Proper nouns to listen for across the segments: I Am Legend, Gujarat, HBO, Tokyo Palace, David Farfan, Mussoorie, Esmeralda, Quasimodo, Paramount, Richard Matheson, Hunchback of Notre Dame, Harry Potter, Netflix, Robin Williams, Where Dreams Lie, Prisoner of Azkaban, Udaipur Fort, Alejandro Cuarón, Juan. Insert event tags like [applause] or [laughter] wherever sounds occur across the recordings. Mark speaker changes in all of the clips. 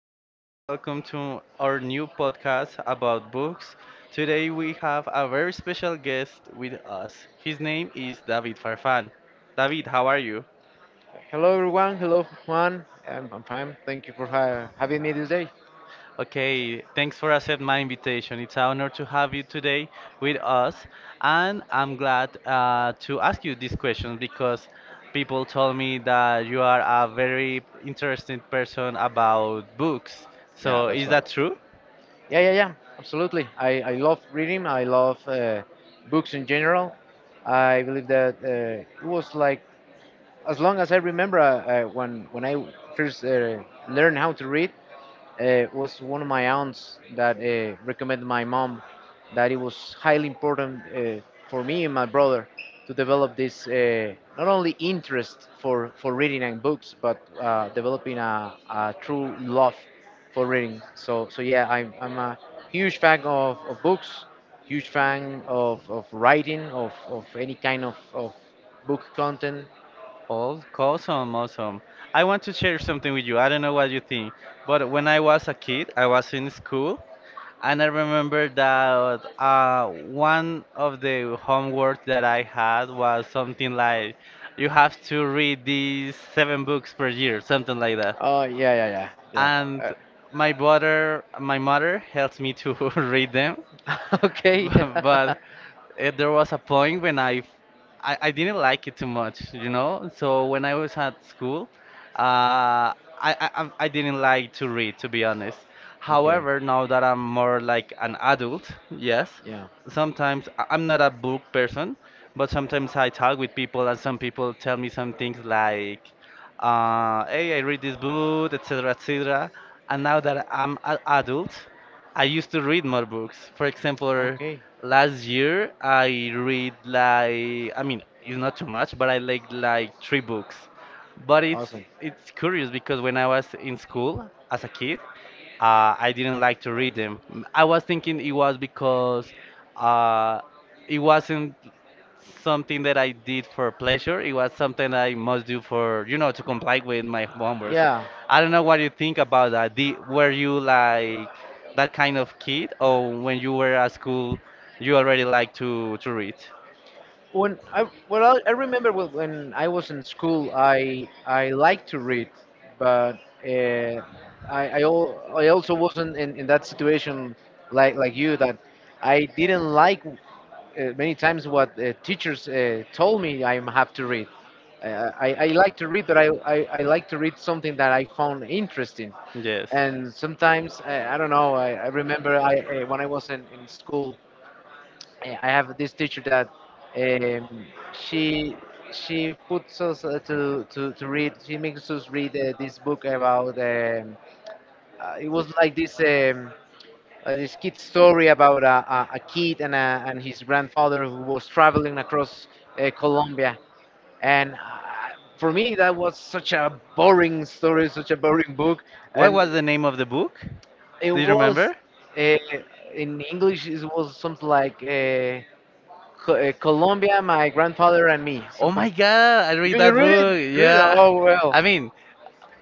Speaker 1: Juan. Welcome to our new podcast about books. Today we have a very special guest with us. His name is David Farfan. David, how are you?
Speaker 2: Hello, everyone. Hello, Juan. I'm fine. Thank you for having me this day.
Speaker 1: Okay, thanks for accepting my invitation. It's an honor to have you today with us, and I'm glad to ask you this question because people told me that you are a very interesting person about books.
Speaker 2: Yeah,
Speaker 1: So,
Speaker 2: that's
Speaker 1: is
Speaker 2: right.
Speaker 1: that true?
Speaker 2: Yeah, yeah, yeah. Absolutely. I love reading. I love books in general. I believe that it was like as long as I remember when I first learned how to read. It was one of my aunts that recommended my mom that it was highly important for me and my brother to develop this not only interest for reading and books, but developing a true love for reading. So yeah, I'm a huge fan of books, huge fan of writing, of any kind of book content.
Speaker 1: Oh, awesome, awesome. I want to share something with you. I don't know what you think, but when I was a kid, I was in school, and I remember that one of the homework that I had was something like, you have to read these seven books per year, something like that
Speaker 2: Oh yeah, yeah.
Speaker 1: and my brother, my mother helps me to [laughs] read them.
Speaker 2: [laughs] Okay.
Speaker 1: [laughs]
Speaker 2: [laughs]
Speaker 1: But there was a point when I didn't like it too much, you know. So when I was at school, uh, I didn't like to read, to be honest. However, now that I'm more like an adult, yes,
Speaker 2: Yeah.
Speaker 1: sometimes I'm not a book person, but sometimes I talk with people and some people tell me some things like hey, I read this book, etc., etc. And now that I'm an adult, I used to read more books. For example,
Speaker 2: Okay.
Speaker 1: last year I read like, I mean, it's not too much, but I like three books. But it's curious because when I was in school as a kid, I didn't like to read them. I was thinking it was because uh, it wasn't something that I did for pleasure. It was something I must do for, you know, to comply with my homework.
Speaker 2: Yeah.
Speaker 1: I don't know what you think about that. Did, were you like that kind of kid, or when you were at school, you already like to read?
Speaker 2: When I well, I remember when I was in school, I liked to read, but uh, I I also wasn't in that situation like you that I didn't like many times what teachers told me I have to read. I like to read, but I like to read something that I found interesting.
Speaker 1: Yes.
Speaker 2: And sometimes, I don't know, I remember when I was in school, I have this teacher that um, she she puts us to read. She makes us read this book about. It was like this this kid story about a kid and and his grandfather who was traveling across Colombia. And for me, that was such a boring story, such a boring book,
Speaker 1: What
Speaker 2: and
Speaker 1: was the name of the book?
Speaker 2: it
Speaker 1: Do you
Speaker 2: was
Speaker 1: remember?
Speaker 2: uh, in English. It was something like. Colombia, my grandfather and me.
Speaker 1: Oh my
Speaker 2: Something.
Speaker 1: God, I read
Speaker 2: You
Speaker 1: that
Speaker 2: read it?
Speaker 1: book.
Speaker 2: You read it?
Speaker 1: Yeah.
Speaker 2: Oh well.
Speaker 1: I mean,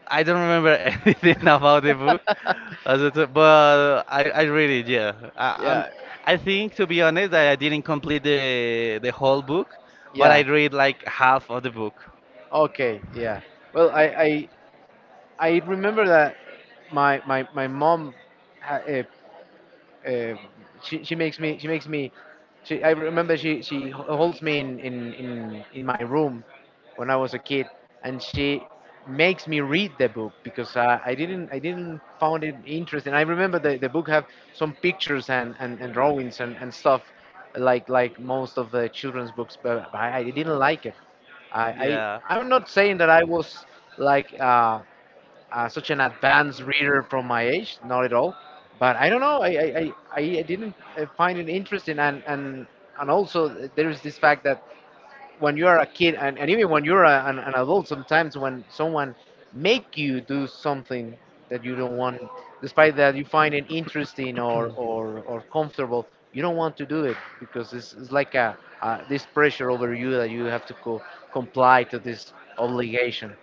Speaker 1: I don't remember [laughs] anything about the book,
Speaker 2: [laughs]
Speaker 1: as it, but I read it. Yeah, I, I'm.
Speaker 2: Yeah.
Speaker 1: I think to be honest, that I didn't complete the whole book, but I
Speaker 2: Yeah.
Speaker 1: read like half of the book.
Speaker 2: Okay. Yeah. Well, I remember that my my mom ha- uh, uh, she makes me she I remember she holds me in my room when I was a kid and she makes me read the book because I didn't found it interesting. I remember the book have some pictures and and drawings and stuff like most of the children's books but I didn't like it. I
Speaker 1: Yeah.
Speaker 2: I'm not saying that I was like such an advanced reader from my age, not at all. But I don't know. I, I didn't find it interesting, and also there is this fact that when you are a kid, and even when you're an adult, sometimes when someone make you do something that you don't want, despite that you find it interesting or comfortable, you don't want to do it because it's like this pressure over you that you have to comply to this obligation.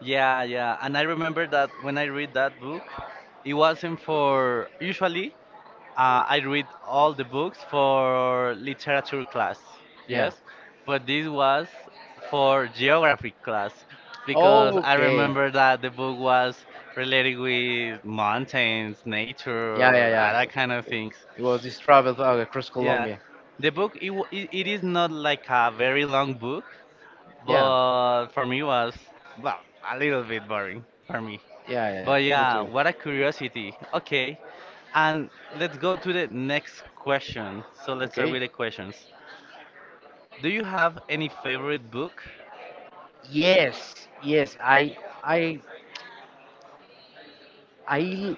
Speaker 1: Yeah, yeah. And I remember that when I read that book, it wasn't for. Usually, I read all the books for literature class,
Speaker 2: Yeah.
Speaker 1: yes, but this was for geography class because I
Speaker 2: Okay.
Speaker 1: remember that the book was related with mountains,
Speaker 2: Yeah, yeah,
Speaker 1: nature,
Speaker 2: yeah.
Speaker 1: that kind of
Speaker 2: It
Speaker 1: things.
Speaker 2: it was this travel across Yeah,
Speaker 1: Yeah,
Speaker 2: Colombia.
Speaker 1: the book it is not like a very long book,
Speaker 2: Yeah,
Speaker 1: but for me was well a little bit boring for me.
Speaker 2: yeah,
Speaker 1: But
Speaker 2: yeah, yeah. Me
Speaker 1: yeah,
Speaker 2: too.
Speaker 1: what a curiosity. Okay, and let's go to the next question. So let's start
Speaker 2: Okay.
Speaker 1: with the questions. Do you have any favorite book?
Speaker 2: Yes, yes. I I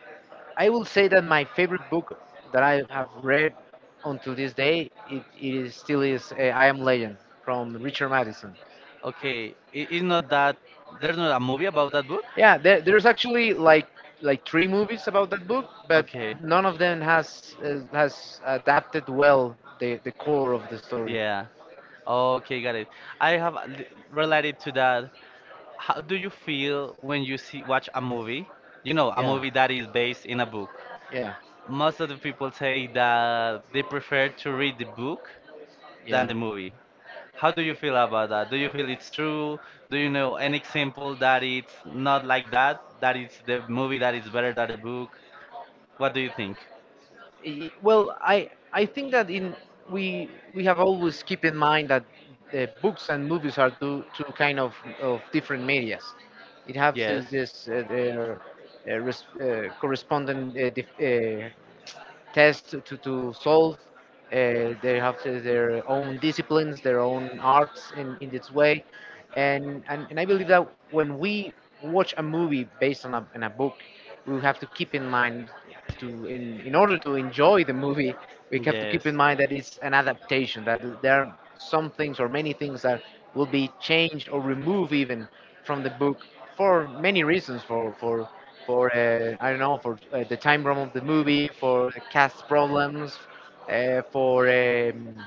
Speaker 2: I will say that my favorite book that I have read until this day it is still is I Am Legend from Richard Madison.
Speaker 1: Okay, it is not that there's not a movie about that book.
Speaker 2: Yeah, there's actually like three movies about that book, but
Speaker 1: Okay.
Speaker 2: none of them has adapted well the core of the story.
Speaker 1: Yeah. Okay, got it. I have related to that. How do you feel when you see watch a movie? You know, a movie that is based in a book.
Speaker 2: Yeah. Yeah.
Speaker 1: Most of the people say that they prefer to read the book than the movie. How do you feel about that? Do you feel it's true? Do you know any example that it's not like that? That it's the movie that is better than the book? What do you think?
Speaker 2: Well, I think that in we have always keep in mind that the books and movies are two kind of different medias. It has Yeah.
Speaker 1: Yes.
Speaker 2: This, their, correspondent test to solve. They have their own disciplines, their own arts in its way, and I believe that when we watch a movie based on on a book, we have to keep in mind to in order to enjoy the movie we have to keep in mind that it's an adaptation that there are some things or many things that will be changed or removed even from the book for many reasons for I don't know for the time frame of the movie for the cast problems uh, for um,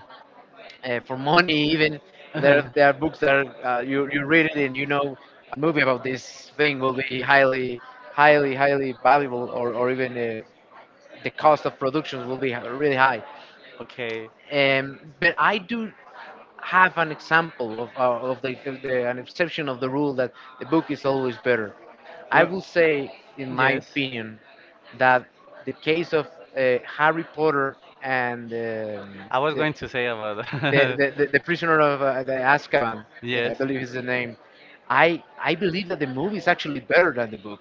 Speaker 2: for money even there there are books
Speaker 1: [laughs]
Speaker 2: that you read it and you know a movie about this thing will be highly highly valuable, or even the cost of production will be really high.
Speaker 1: Okay.
Speaker 2: But I do have an example of, of the an exception of the rule that the book is always better. I will
Speaker 1: Well,
Speaker 2: say, in my
Speaker 1: yes.
Speaker 2: opinion, that the case of Harry Potter and
Speaker 1: I was
Speaker 2: the,
Speaker 1: going to say about [laughs]
Speaker 2: the prisoner of the Azkaban, yeah, I
Speaker 1: Yes.
Speaker 2: believe is the name. I believe that the movie is actually better than the book.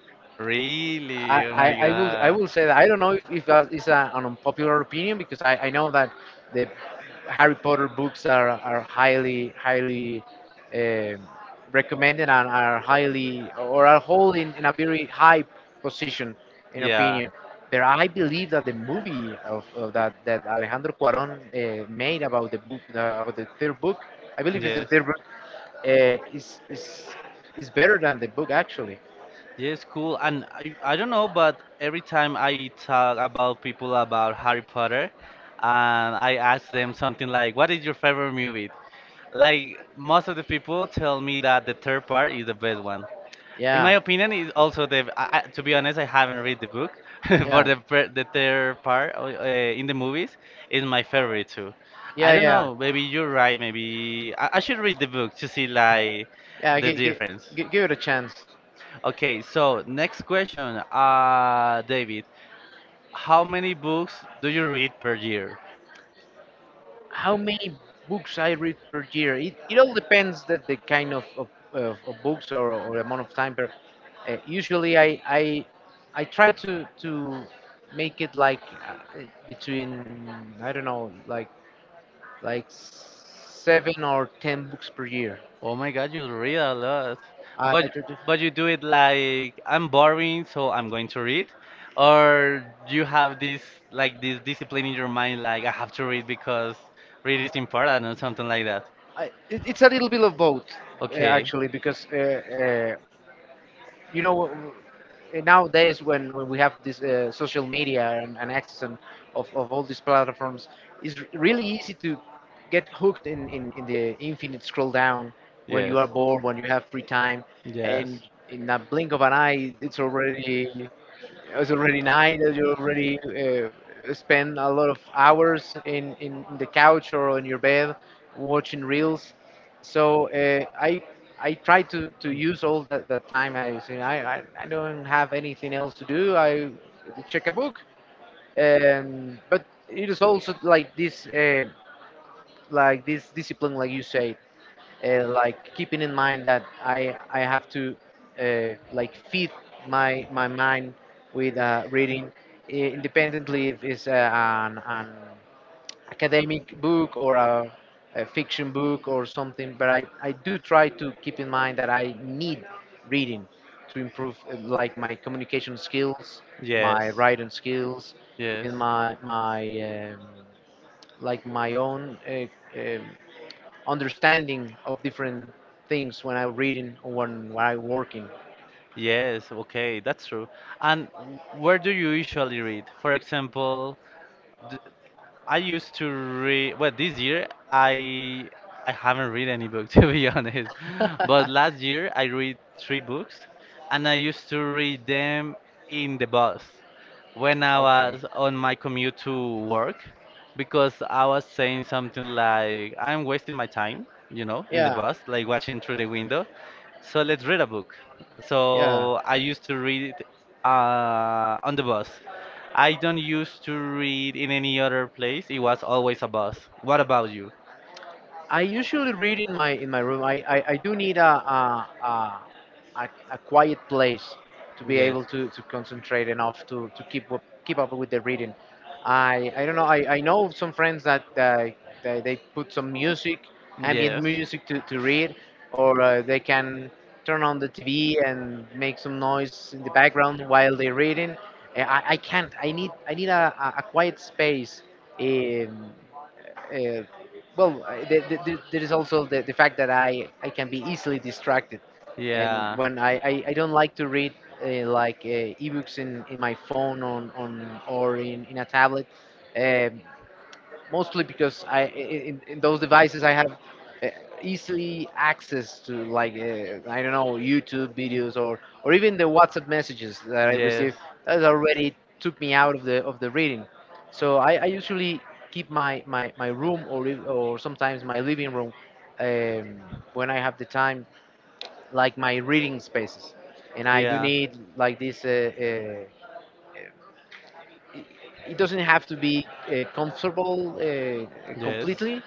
Speaker 2: I,
Speaker 1: Really? Oh my
Speaker 2: I will I
Speaker 1: god.
Speaker 2: will say that I don't know if that is an unpopular opinion because I know that the Harry Potter books are highly um recommended and are highly or are holding in a very high position in
Speaker 1: Yeah.
Speaker 2: opinion. But I believe that the movie of that that Alejandro Cuarón made about the book about the third book, I believe it's the
Speaker 1: Yes.
Speaker 2: third book, uh, is is is better than the book actually.
Speaker 1: Yes, cool. And I don't know, but every time I talk about people about Harry Potter, and I ask them something like, "What is your favorite movie?" Like most of the people tell me that the third part is the best one. In my
Speaker 2: Yeah.
Speaker 1: opinion, is also the. To be honest, I haven't read the book, [laughs]
Speaker 2: [laughs]
Speaker 1: but
Speaker 2: Yeah.
Speaker 1: the the third part in the movies is my favorite too.
Speaker 2: Yeah,
Speaker 1: I don't
Speaker 2: yeah,
Speaker 1: know. Maybe you're right. Maybe I should read the book to see like
Speaker 2: yeah.
Speaker 1: the difference.
Speaker 2: Give it a chance.
Speaker 1: Okay, so next question, David, how many books do you read per year?
Speaker 2: How many books I read per year? It all depends that the kind of books, or amount of time. But usually, I try to make it like uh, between I don't know, like seven or ten books per year.
Speaker 1: Oh my God, you read a lot,
Speaker 2: I, I
Speaker 1: but
Speaker 2: try to,
Speaker 1: but you do it like I'm boring, so I'm going to read, or do you have this like this discipline in your mind, like I have to read because read is important or something like that.
Speaker 2: it, it's a little bit of both,
Speaker 1: Okay.
Speaker 2: actually, because you know nowadays when we have this social media and access and of all these platforms, it's really easy to get hooked in the infinite scroll down when
Speaker 1: Yes.
Speaker 2: you are bored, when you have free time, and
Speaker 1: Yes.
Speaker 2: in a blink of an eye, it's already night. You already spend a lot of hours in the couch or on your bed watching reels. So I I try to use all that time. I say I, I don't have anything else to do. I check a book. But it is also like this discipline, like you said like keeping in mind that I have to like feed my mind with reading, independently if it's an academic book or a fiction book or something. But I do try to keep in mind that I need reading to improve like my communication skills, my
Speaker 1: Yes.
Speaker 2: writing skills,
Speaker 1: Yes.
Speaker 2: even my my um, like my own. Um, Understanding of different things when I'm reading or when I'm working.
Speaker 1: Yes, okay, that's true. And where do you usually read? For example, d I used to read. Well, this year I haven't read any book [laughs] to be
Speaker 2: [laughs]
Speaker 1: honest. But last year I
Speaker 2: [laughs]
Speaker 1: read three books, and I used to read them in the bus when I was on my commute to work, because I was saying something like I'm wasting my time, you know, in the bus, like watching through the window. So let's read a book. So I used to read it on the bus.
Speaker 2: did
Speaker 1: I don't used to
Speaker 2: not
Speaker 1: read in any other place. It was always a bus. What about you?
Speaker 2: I usually read in my room. I do need a quiet place to be
Speaker 1: Yes.
Speaker 2: able to concentrate enough keep up with the reading. I don't know. I know some friends that they put some music, ambient
Speaker 1: Yes.
Speaker 2: music to read, or they can turn on the TV and make some noise in the background while they're reading. I can't. I need a quiet space. Um, uh, well, the, there is also the fact that I can be easily distracted. And
Speaker 1: Yeah.
Speaker 2: when I don't like to read ebooks in my phone in a tablet, um mostly because in those devices I have uh, easily access to like I don't know YouTube videos or even the WhatsApp messages that I
Speaker 1: Yes.
Speaker 2: receive that already took me out of the reading. So I usually keep my room or sometimes my living room um, when I have the time like my reading spaces, and I do
Speaker 1: Yeah.
Speaker 2: need like this. It doesn't have to be comfortable
Speaker 1: Yes.
Speaker 2: completely,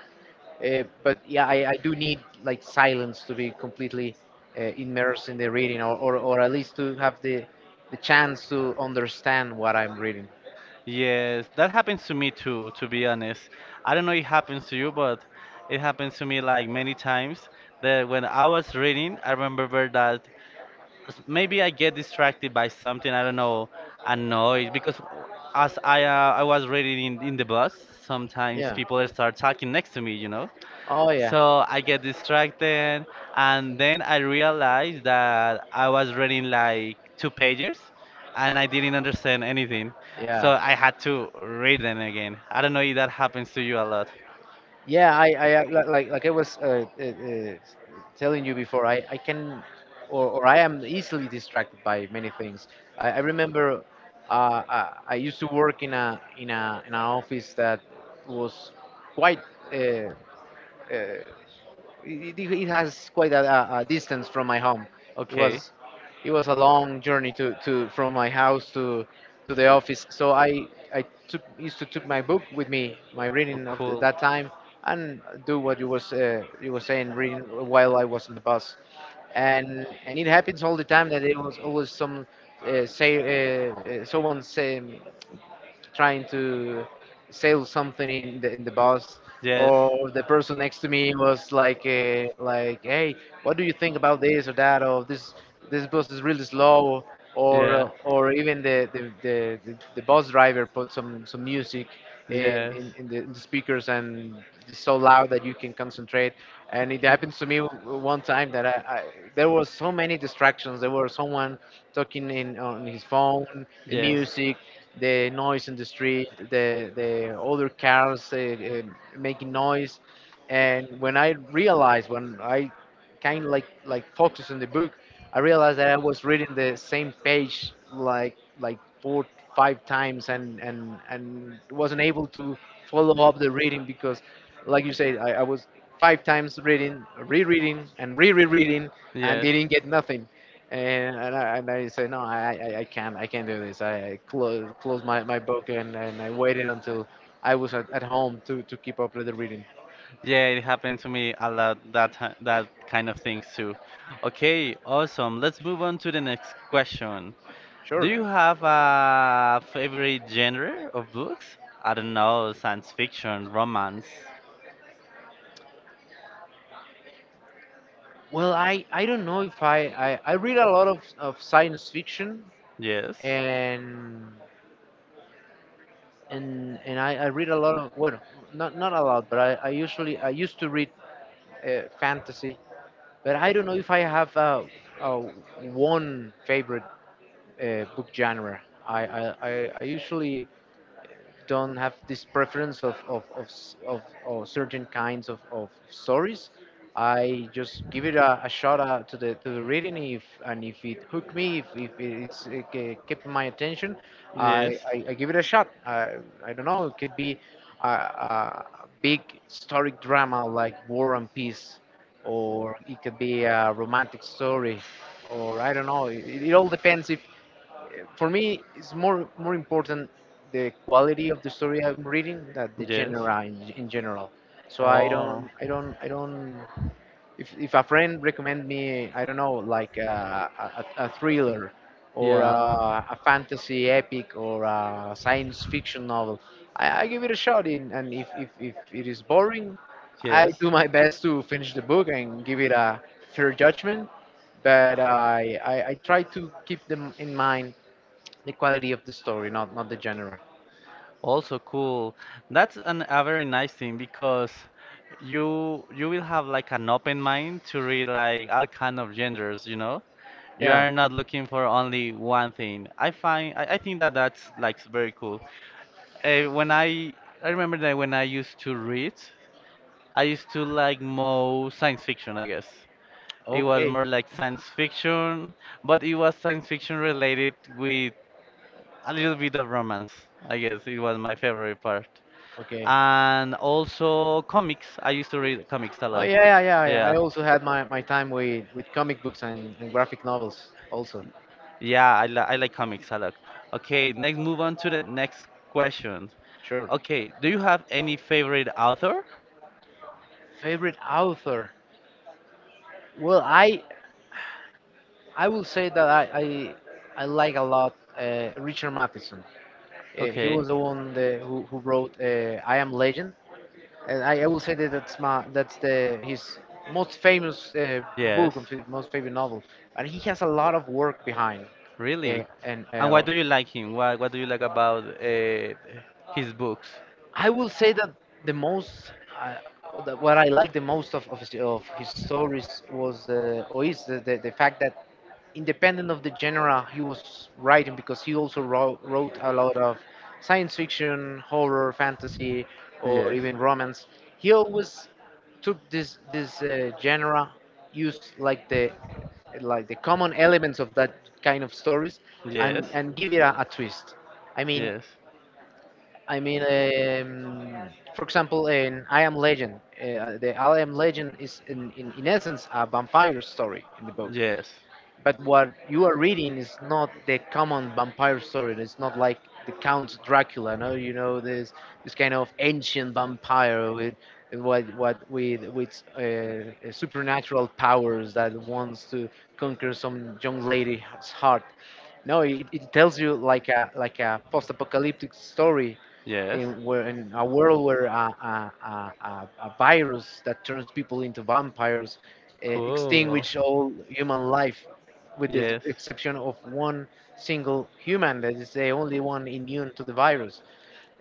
Speaker 2: but yeah, I do need like silence to be completely immersed in the reading, or at least to have the chance to understand what I'm reading.
Speaker 1: Yes, that happens to me too, to be honest. I don't know it happens to you, but it happens to me like many times that when I was reading, I remember that maybe I get distracted by something, I don't know, a noise, because as I was reading in the bus, sometimes
Speaker 2: Yeah.
Speaker 1: people start talking next to me, you know.
Speaker 2: Oh yeah.
Speaker 1: So I get distracted, and then I realized that I was reading like two pages, and I didn't understand anything. So
Speaker 2: Yeah.
Speaker 1: I had to read them again. I don't know if that happens to you a lot.
Speaker 2: Yeah, like I was telling you before, I can or I am easily distracted by many things. I remember, I used to work in a in a in an office that was quite. Uh, uh, it, it it has quite a distance from my home. It. Okay.
Speaker 1: Okay. It
Speaker 2: was it was a long journey to from my house to the office. So I took, used to took my book with me, my reading of that time, and do what you were saying, reading while I was on the bus. And it happens all the time that it was always some say uh, someone say trying to sell something in the bus. Yeah.
Speaker 1: Yes.
Speaker 2: Or the person next to me was like, hey, what do you think about this or that, or this bus is really slow, or even the bus driver put some music
Speaker 1: Yeah.
Speaker 2: in,
Speaker 1: Yes.
Speaker 2: in, in, the, in the speakers, and it's so loud that you can concentrate. And it happens to me one time that I there was so many distractions. There was someone talking in on his phone, the music, the noise in the street, the other cars making noise, and when I realized, when I kind of like focused on the book, I realized that I was reading the same page like four, five times and wasn't able to follow up the reading because, like you said, I was five times reading, rereading, and re-rereading,
Speaker 1: and
Speaker 2: and
Speaker 1: Yes.
Speaker 2: didn't get nothing. And I say no, I can't. I can't do this. I closed my book, and I waited until I was at home to keep up with the reading.
Speaker 1: Yeah, it happened to me a lot that that kind of things too. Okay, awesome. Let's move on to the next question. Do
Speaker 2: Sure.
Speaker 1: you have a favorite genre of books? I don't know, science fiction, romance.
Speaker 2: Well, I don't know if I read a lot of science fiction,
Speaker 1: Yes.
Speaker 2: and and I read a lot of, well, not a lot, but I usually, I used to read fantasy, but I don't know if I have uh, one favorite book genre. I usually don't have this preference of certain kinds of stories. I just give it a shot to the reading. If it hooked me, if kept my attention, I give it a shot. I don't know. It could be a big historic drama like
Speaker 1: Yes.
Speaker 2: War and Peace, or it could be a romantic story, or I don't know. It all depends if. For me, it's more important, the quality of the story I'm reading than the
Speaker 1: Yes.
Speaker 2: genre in general. So I
Speaker 1: Oh,
Speaker 2: don't I don't I don't If a friend recommend me, I don't know, like, a thriller, or
Speaker 1: yeah.
Speaker 2: a fantasy epic, or a science fiction novel, I give it a shot in and if it is boring, I
Speaker 1: Yes.
Speaker 2: do my best to finish the book and give it a fair judgment, but I try to keep them in mind, the quality of the story, not the genre.
Speaker 1: Also cool. That's an, a very nice thing because you will have like an open mind to read like all kind of genders, you know? You
Speaker 2: Yeah.
Speaker 1: are not looking for only one thing. I think that that's like very cool. When I remember that when I used to read, I used to like more science fiction, I guess. It was
Speaker 2: Okay.
Speaker 1: more like science fiction, but it was science fiction related with a little bit of romance, I guess. It was my favorite part
Speaker 2: Okay.
Speaker 1: and also comics. I used to read comics a
Speaker 2: Oh
Speaker 1: lot.
Speaker 2: yeah, yeah, yeah. Yeah. I
Speaker 1: Yeah.
Speaker 2: also had my time with comic books and graphic novels also.
Speaker 1: Yeah, I like comics a lot. Okay, next move on to the next question.
Speaker 2: Sure.
Speaker 1: Okay, do you have any favorite author?
Speaker 2: Favorite author? Well, I will say that I like a lot Richard Matheson. He
Speaker 1: Okay.
Speaker 2: was the one, the, who wrote I Am Legend, and I will say that that's the his most famous
Speaker 1: Yes.
Speaker 2: book and most favorite novel. And he has a lot of work behind.
Speaker 1: Really?
Speaker 2: And
Speaker 1: And why do you like him? What do you like about his books?
Speaker 2: I will say that the most, uh, that what I like the most of of his stories was or is the fact that, independent of the genre he was writing, because he also wrote a lot of science fiction, horror, fantasy, or
Speaker 1: Yes.
Speaker 2: even romance. He always took
Speaker 1: Yes.
Speaker 2: this genre, used like the common elements of that kind of stories, and give it a twist. I mean, I mean, for example, in I Am Legend, the I Am Legend is, in essence, a vampire story in the book.
Speaker 1: Yes.
Speaker 2: But what you are reading is not the common vampire story. It's not like the Count Dracula, no, you know this kind of ancient vampire with, what with supernatural powers that wants to conquer some young lady's heart. No, it tells you like a post-apocalyptic story,
Speaker 1: Yes. Yes.
Speaker 2: where, in a world where a virus that turns people into vampires
Speaker 1: Cool.
Speaker 2: extinguish all human life, with the
Speaker 1: Yes.
Speaker 2: exception of one single human that is the only one immune to the virus.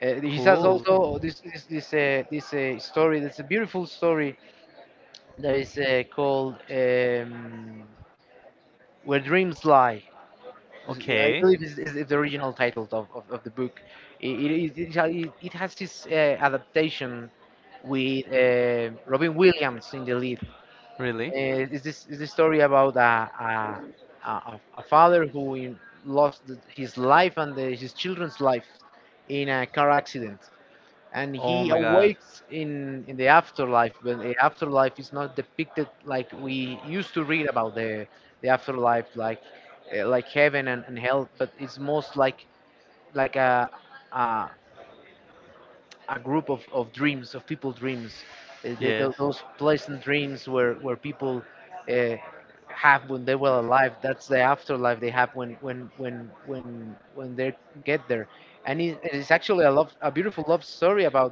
Speaker 2: He has
Speaker 1: Cool.
Speaker 2: also this story. That's a beautiful story that is called, "Where Dreams Lie." Yeah, I
Speaker 1: Okay.
Speaker 2: believe is the original title of the book. It, is- it, ha- it has its adaptation with Robin Williams in the lead.
Speaker 1: Really?
Speaker 2: Is This is the story about a father who lost his life and his children's lives in a car accident, and
Speaker 1: Oh
Speaker 2: he
Speaker 1: my god.
Speaker 2: awakes in the afterlife, but the afterlife is not depicted like we used to read about the afterlife, like heaven and hell, but it's most like a a group of dreams, of people dreams, th th
Speaker 1: Yes.
Speaker 2: those pleasant dreams where people uh, have when they were alive. That's the afterlife they have when when they get there. And it is actually a a beautiful love story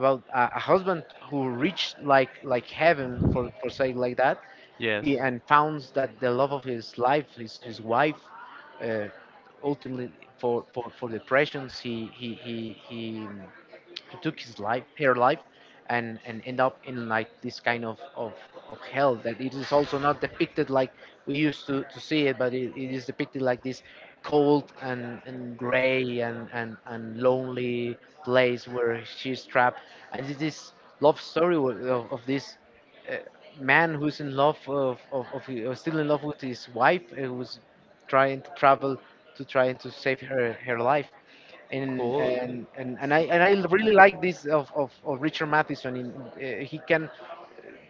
Speaker 2: about a husband who reached like heaven, for saying like that,
Speaker 1: Yes.
Speaker 2: and founds that the love of his life, his wife. Uh, Ultimately, for depressions, he who took his life, her life, and end up in like this kind of hell that it is also not depicted like we used to see it, but it is depicted like this cold and gray and lonely place where she's trapped, and it is love story of this uh, man who's in love still in love with his wife who's trying to travel to, trying to save her life, and
Speaker 1: Cool.
Speaker 2: and and, and i and i really like this of Richard Matheson. In He can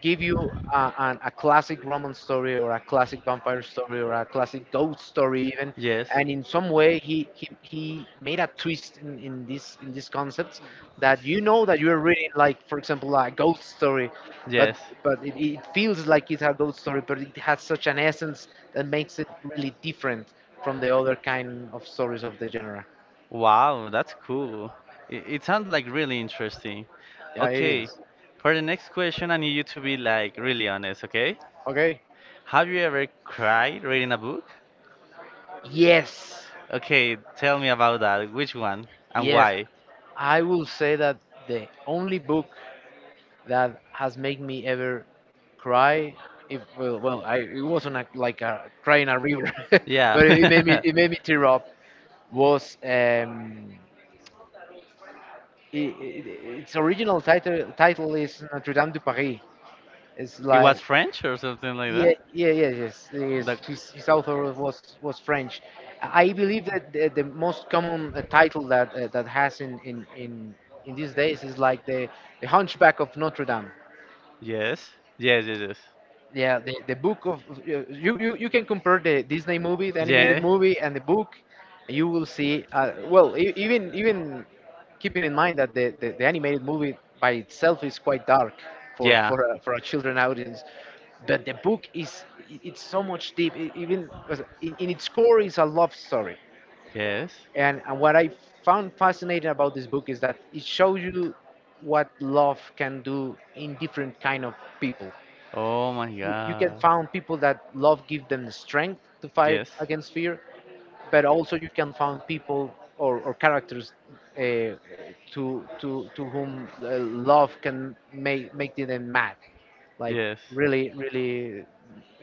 Speaker 2: give you a classic Roman story, or a classic vampire story, or a classic ghost story even,
Speaker 1: Yes.
Speaker 2: and in some way he made a twist in these concepts, that you know that you're reading, like for example, a ghost story, but
Speaker 1: Yes.
Speaker 2: it feels like it's a ghost story, but it has such an essence that makes it really different from the other kind of stories of the genre.
Speaker 1: Wow, that's cool. It sounds like really interesting.
Speaker 2: Yeah, it
Speaker 1: Okay,
Speaker 2: is.
Speaker 1: for the next question, I need you to be like really honest, okay?
Speaker 2: Okay.
Speaker 1: Have you ever cried reading a book?
Speaker 2: Yes,
Speaker 1: Okay, tell me about that. Which one and
Speaker 2: yes.
Speaker 1: why?
Speaker 2: I will say that the only book that has made me ever cry, if well, well I it wasn't like a cry in a river, [laughs] but
Speaker 1: Yeah.
Speaker 2: it, yeah, made
Speaker 1: [laughs]
Speaker 2: me it made me tear up. Was, I its original title is Notre Dame de Paris. It's
Speaker 1: It was
Speaker 2: like.
Speaker 1: French or something like
Speaker 2: Yeah,
Speaker 1: that?
Speaker 2: yeah, yeah, yes, yes.
Speaker 1: The
Speaker 2: His author was French. I believe that the most common title that that has in in these days is like the Hunchback of Notre Dame.
Speaker 1: Yes. Yes, yes, yes.
Speaker 2: Yeah, the book. Of You can compare the Disney movie, the, yeah, animated
Speaker 1: Yeah.
Speaker 2: movie, and the book. You will see, well, even keeping in mind that the animated movie by itself is quite dark for
Speaker 1: Yeah.
Speaker 2: for a children audience, but the book it's so much deep, in its core, is a love story,
Speaker 1: Yes.
Speaker 2: and what I found fascinating about this book is that it shows you what love can do in different kind of people.
Speaker 1: Oh my
Speaker 2: You can
Speaker 1: god.
Speaker 2: find people that love give them the strength to fight
Speaker 1: Yes.
Speaker 2: against fear, but also you can find people or characters, uh, to whom love can make them mad, like,
Speaker 1: Yes.
Speaker 2: really, really,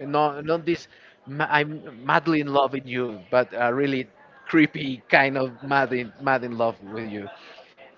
Speaker 2: not this I'm madly in love with you, but, really creepy kind of mad in love with you.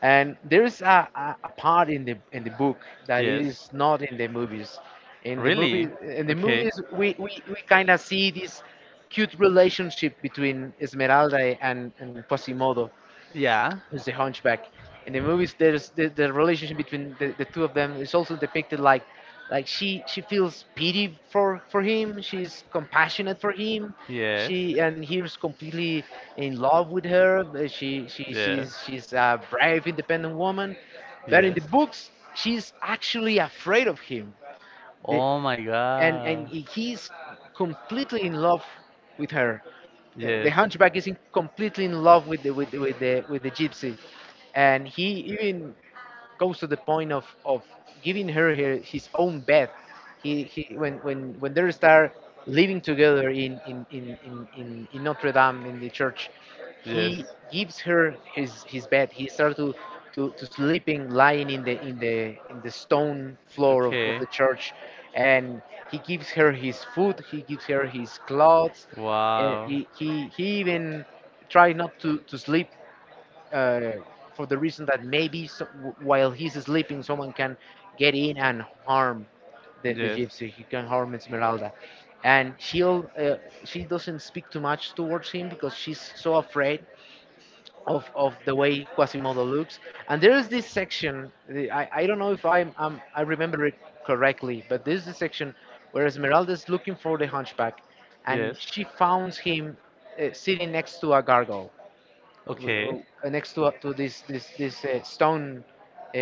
Speaker 2: And there is a part in the book that it
Speaker 1: Yes.
Speaker 2: is not in the movies. In the, really?
Speaker 1: Really?
Speaker 2: Movie, in the, okay,
Speaker 1: Okay.
Speaker 2: movies, we kind of see this cute relationship between Esmeralda and Quasimodo,
Speaker 1: Yeah.
Speaker 2: who's the hunchback. In the movies, there's the relationship between the two of them is also depicted like she feels pity for him. She's compassionate for him.
Speaker 1: Yes.
Speaker 2: She and he's completely in love with her. Uh, She she
Speaker 1: Yes.
Speaker 2: she's she's a brave, independent woman. But in
Speaker 1: Yes.
Speaker 2: the books, she's actually afraid of him. The,
Speaker 1: Oh my
Speaker 2: and
Speaker 1: god.
Speaker 2: he's completely in love with her. The
Speaker 1: Yes.
Speaker 2: hunchback is completely in love with the gypsy, and he even goes to the point of giving her his own bed. He when they start living together in Notre Dame in the church,
Speaker 1: Yes.
Speaker 2: he gives her his bed. He starts to sleeping lying in the stone floor of
Speaker 1: Okay.
Speaker 2: the church, and he gives her his food. He gives her his clothes. Uh,
Speaker 1: Wow.
Speaker 2: he, he he even tried not to sleep uh, for the reason that while he's sleeping, someone can get in and harm the
Speaker 1: Yes.
Speaker 2: gypsy. He can harm Esmeralda, and she doesn't speak too much towards him because she's so afraid of the way Quasimodo looks. And there is this section. I don't know if I remember it correctly, but there's this section where Esmeralda is looking for the hunchback, and
Speaker 1: Yes.
Speaker 2: she finds him sitting next to a gargoyle
Speaker 1: Okay.
Speaker 2: next to this stone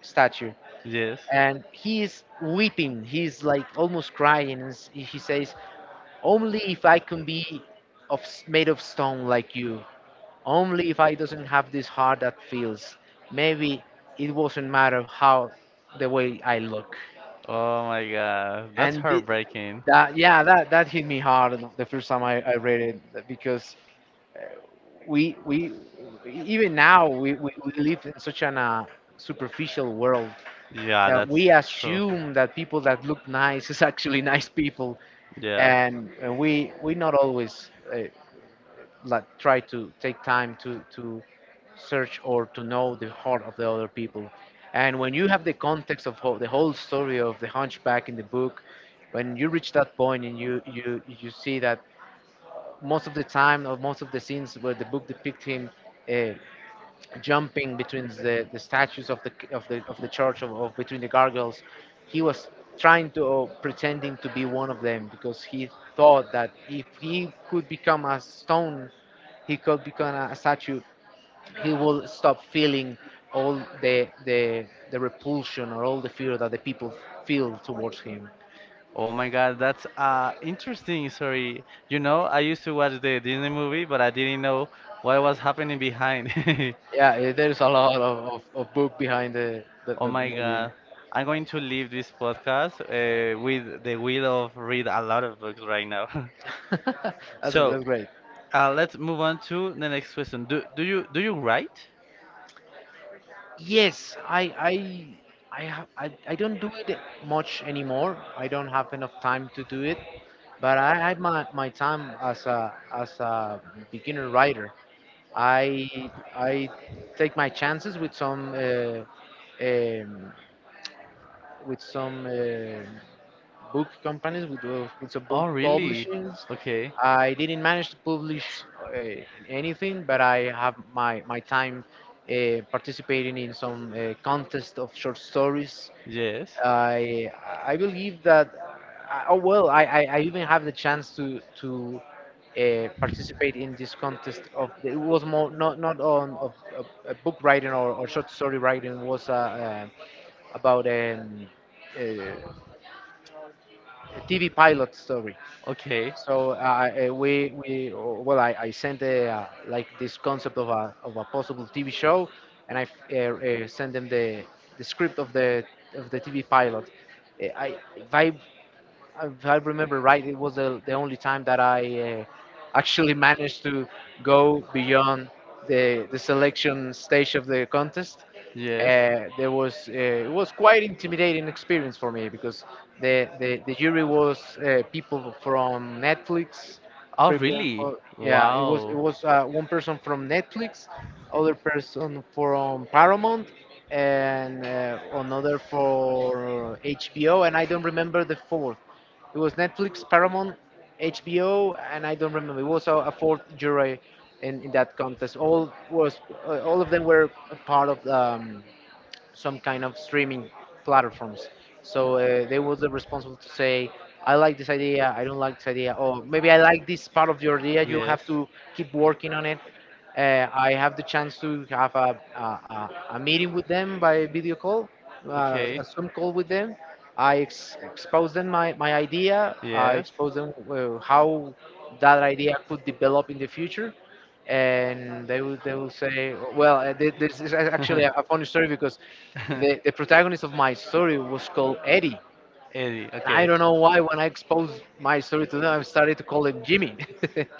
Speaker 2: statue,
Speaker 1: Yes.
Speaker 2: and he is weeping. He's like almost crying, and he says, "Only if I can be made of stone like you. Only if I doesn't have this heart that feels. Maybe it wasn't matter how the way I look."
Speaker 1: Oh god. That's
Speaker 2: And thi-
Speaker 1: heartbreaking.
Speaker 2: that yeah that that hit me hard the first time I read it, because we even now we live in such an superficial world
Speaker 1: Yeah,
Speaker 2: that
Speaker 1: that's
Speaker 2: we
Speaker 1: true.
Speaker 2: assume that people that look nice is [laughs] actually nice people,
Speaker 1: Yeah.
Speaker 2: and we not always like try to take time to search or to know the heart of the other people. And when you have the context of the whole story of the hunchback in the book, when you reach that point and you see that most of the time, or most of the scenes where the book depict him uh, jumping between the statues of the church, of between the gargoyles, he was trying to, or pretending to be one of them, because he thought that if he could become a stone, he could become a statue, he will stop feeling all the the repulsion, or all the fear that the people feel towards him.
Speaker 1: Oh my god, that's interesting Sorry, You know, I used to watch the Disney movie, but I didn't know what was happening behind. [laughs]
Speaker 2: Yeah there's a lot of book behind
Speaker 1: Oh
Speaker 2: the
Speaker 1: my
Speaker 2: movie.
Speaker 1: God. I'm going to leave this podcast with the will of read a lot of books right now. [laughs]
Speaker 2: [laughs]
Speaker 1: So,
Speaker 2: That's great.
Speaker 1: let's move on to the next question. Do you write?
Speaker 2: Yes, I have I don't do it much anymore. I don't have enough time to do it, but I had my time as a beginner writer. I take my chances with um, some book companies, with some
Speaker 1: Oh,
Speaker 2: book
Speaker 1: really?
Speaker 2: publishings.
Speaker 1: Okay.
Speaker 2: I didn't manage to publish uh, anything, but I have my time participating in some contest of short stories.
Speaker 1: Yes.
Speaker 2: I I believe that I, oh well I even have the chance to participate in this contest of it was more not not on of book writing, or short story writing. It was about uh, TV pilot story.
Speaker 1: Okay.
Speaker 2: So I sent like this concept of a possible TV show, and I sent them the script of the TV pilot. I if I if I remember right, it was the only time that I actually managed to go beyond the selection stage of the contest.
Speaker 1: Yes.
Speaker 2: There was It was quite intimidating experience for me, because the jury was people from Netflix.
Speaker 1: Oh, really?
Speaker 2: Yeah, it was
Speaker 1: Wow.
Speaker 2: one person from Netflix, other person from Paramount, and another for HBO, and I don't remember the fourth. It was Netflix, Paramount, HBO, and I don't remember. It was a fourth jury in that contest. All was all of them were a part of some kind of streaming platforms. So they was responsible to say, I like this idea, I don't like this idea, or maybe I like this part of your idea. You
Speaker 1: Yes.
Speaker 2: have to keep working on it. I have the chance to have a meeting with them by video call,
Speaker 1: Okay.
Speaker 2: a Zoom call with them. I expose them my idea. I
Speaker 1: Yes.
Speaker 2: expose them how that idea could develop in the future, and they will say, well, this is actually a
Speaker 1: [laughs]
Speaker 2: funny story, because the protagonist of my story was called Eddie,
Speaker 1: Eddie,
Speaker 2: and I
Speaker 1: okay.
Speaker 2: don't know why when I
Speaker 1: [laughs]
Speaker 2: exposed my story to them, I started to call him Jimmy. [laughs]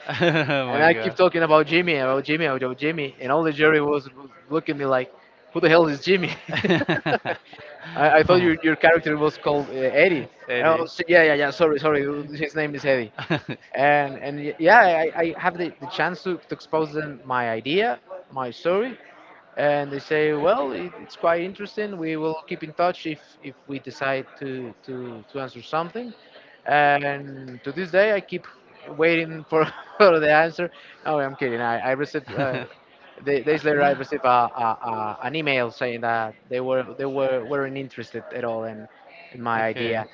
Speaker 1: oh
Speaker 2: And
Speaker 1: my
Speaker 2: I keep
Speaker 1: god.
Speaker 2: talking
Speaker 1: [laughs]
Speaker 2: about Jimmy, about Jimmy, about Jimmy, and all the jury was looking at me like, "Who the hell is Jimmy?" [laughs] I thought
Speaker 1: Oh.
Speaker 2: your character was called Eddie. And I
Speaker 1: Eddie.
Speaker 2: was, yeah, yeah, yeah. Sorry, sorry. His name is Eddie, and yeah, I have the chance to expose them my idea, my
Speaker 1: [laughs]
Speaker 2: story, and they say, well, it's quite interesting. We will keep in touch if we decide to answer something. And to this day, I keep waiting for [laughs] for the
Speaker 1: [laughs]
Speaker 2: answer. Oh, I'm kidding. I received. Days later, I received an email saying that they weren't interested at all in my
Speaker 1: Okay.
Speaker 2: idea,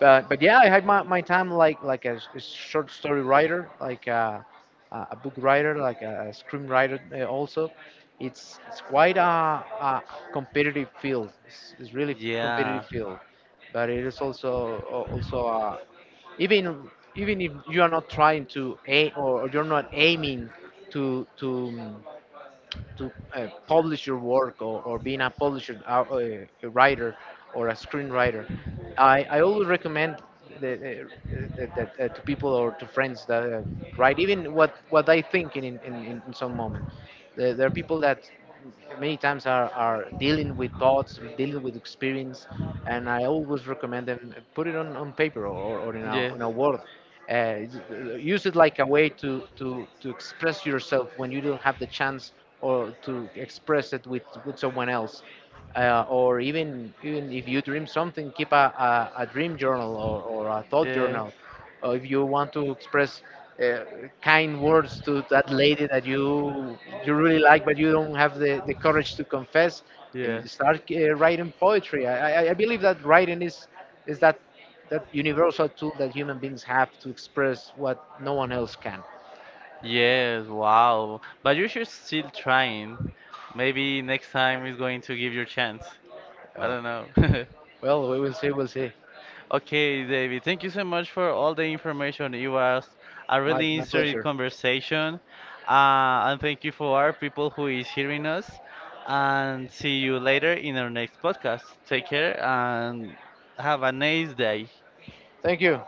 Speaker 2: but yeah, I had my time like a short story writer, like a book writer, like a screenwriter also. It's quite a competitive field. It's really competitive
Speaker 1: Yeah.
Speaker 2: field, but it is also also a, even even if you are not trying to aim, or you're not aiming to to to publish your work, or being a publisher, a writer, or a screenwriter, I always recommend the, uh, to people or to friends that write even what I think in some moment. There are people that many times are dealing with thoughts, or dealing with experience, and I always recommend them put it on paper, or
Speaker 1: Yeah.
Speaker 2: in a word, uh, use it like a way to express yourself when you don't have the chance, or to express it with someone else. Or even even if you dream something, keep a dream journal, or a thought journal. Or if you want to express uh, kind words to that lady that you really like, but you don't have the courage to confess,
Speaker 1: Yes.
Speaker 2: start writing poetry. I believe that writing is that that universal tool that human beings have to express what no one else can.
Speaker 1: Yes, wow. But you should still trying. Maybe next time is going to give you a chance. I
Speaker 2: Oh,
Speaker 1: don't know. [laughs]
Speaker 2: well, we will see. We'll see.
Speaker 1: Okay, David, thank you so much for all the information. It was a really
Speaker 2: My
Speaker 1: interesting
Speaker 2: pleasure.
Speaker 1: conversation. And thank you for our people who is hearing us. And see you later in our next podcast. Take care and have a nice day.
Speaker 2: Thank you.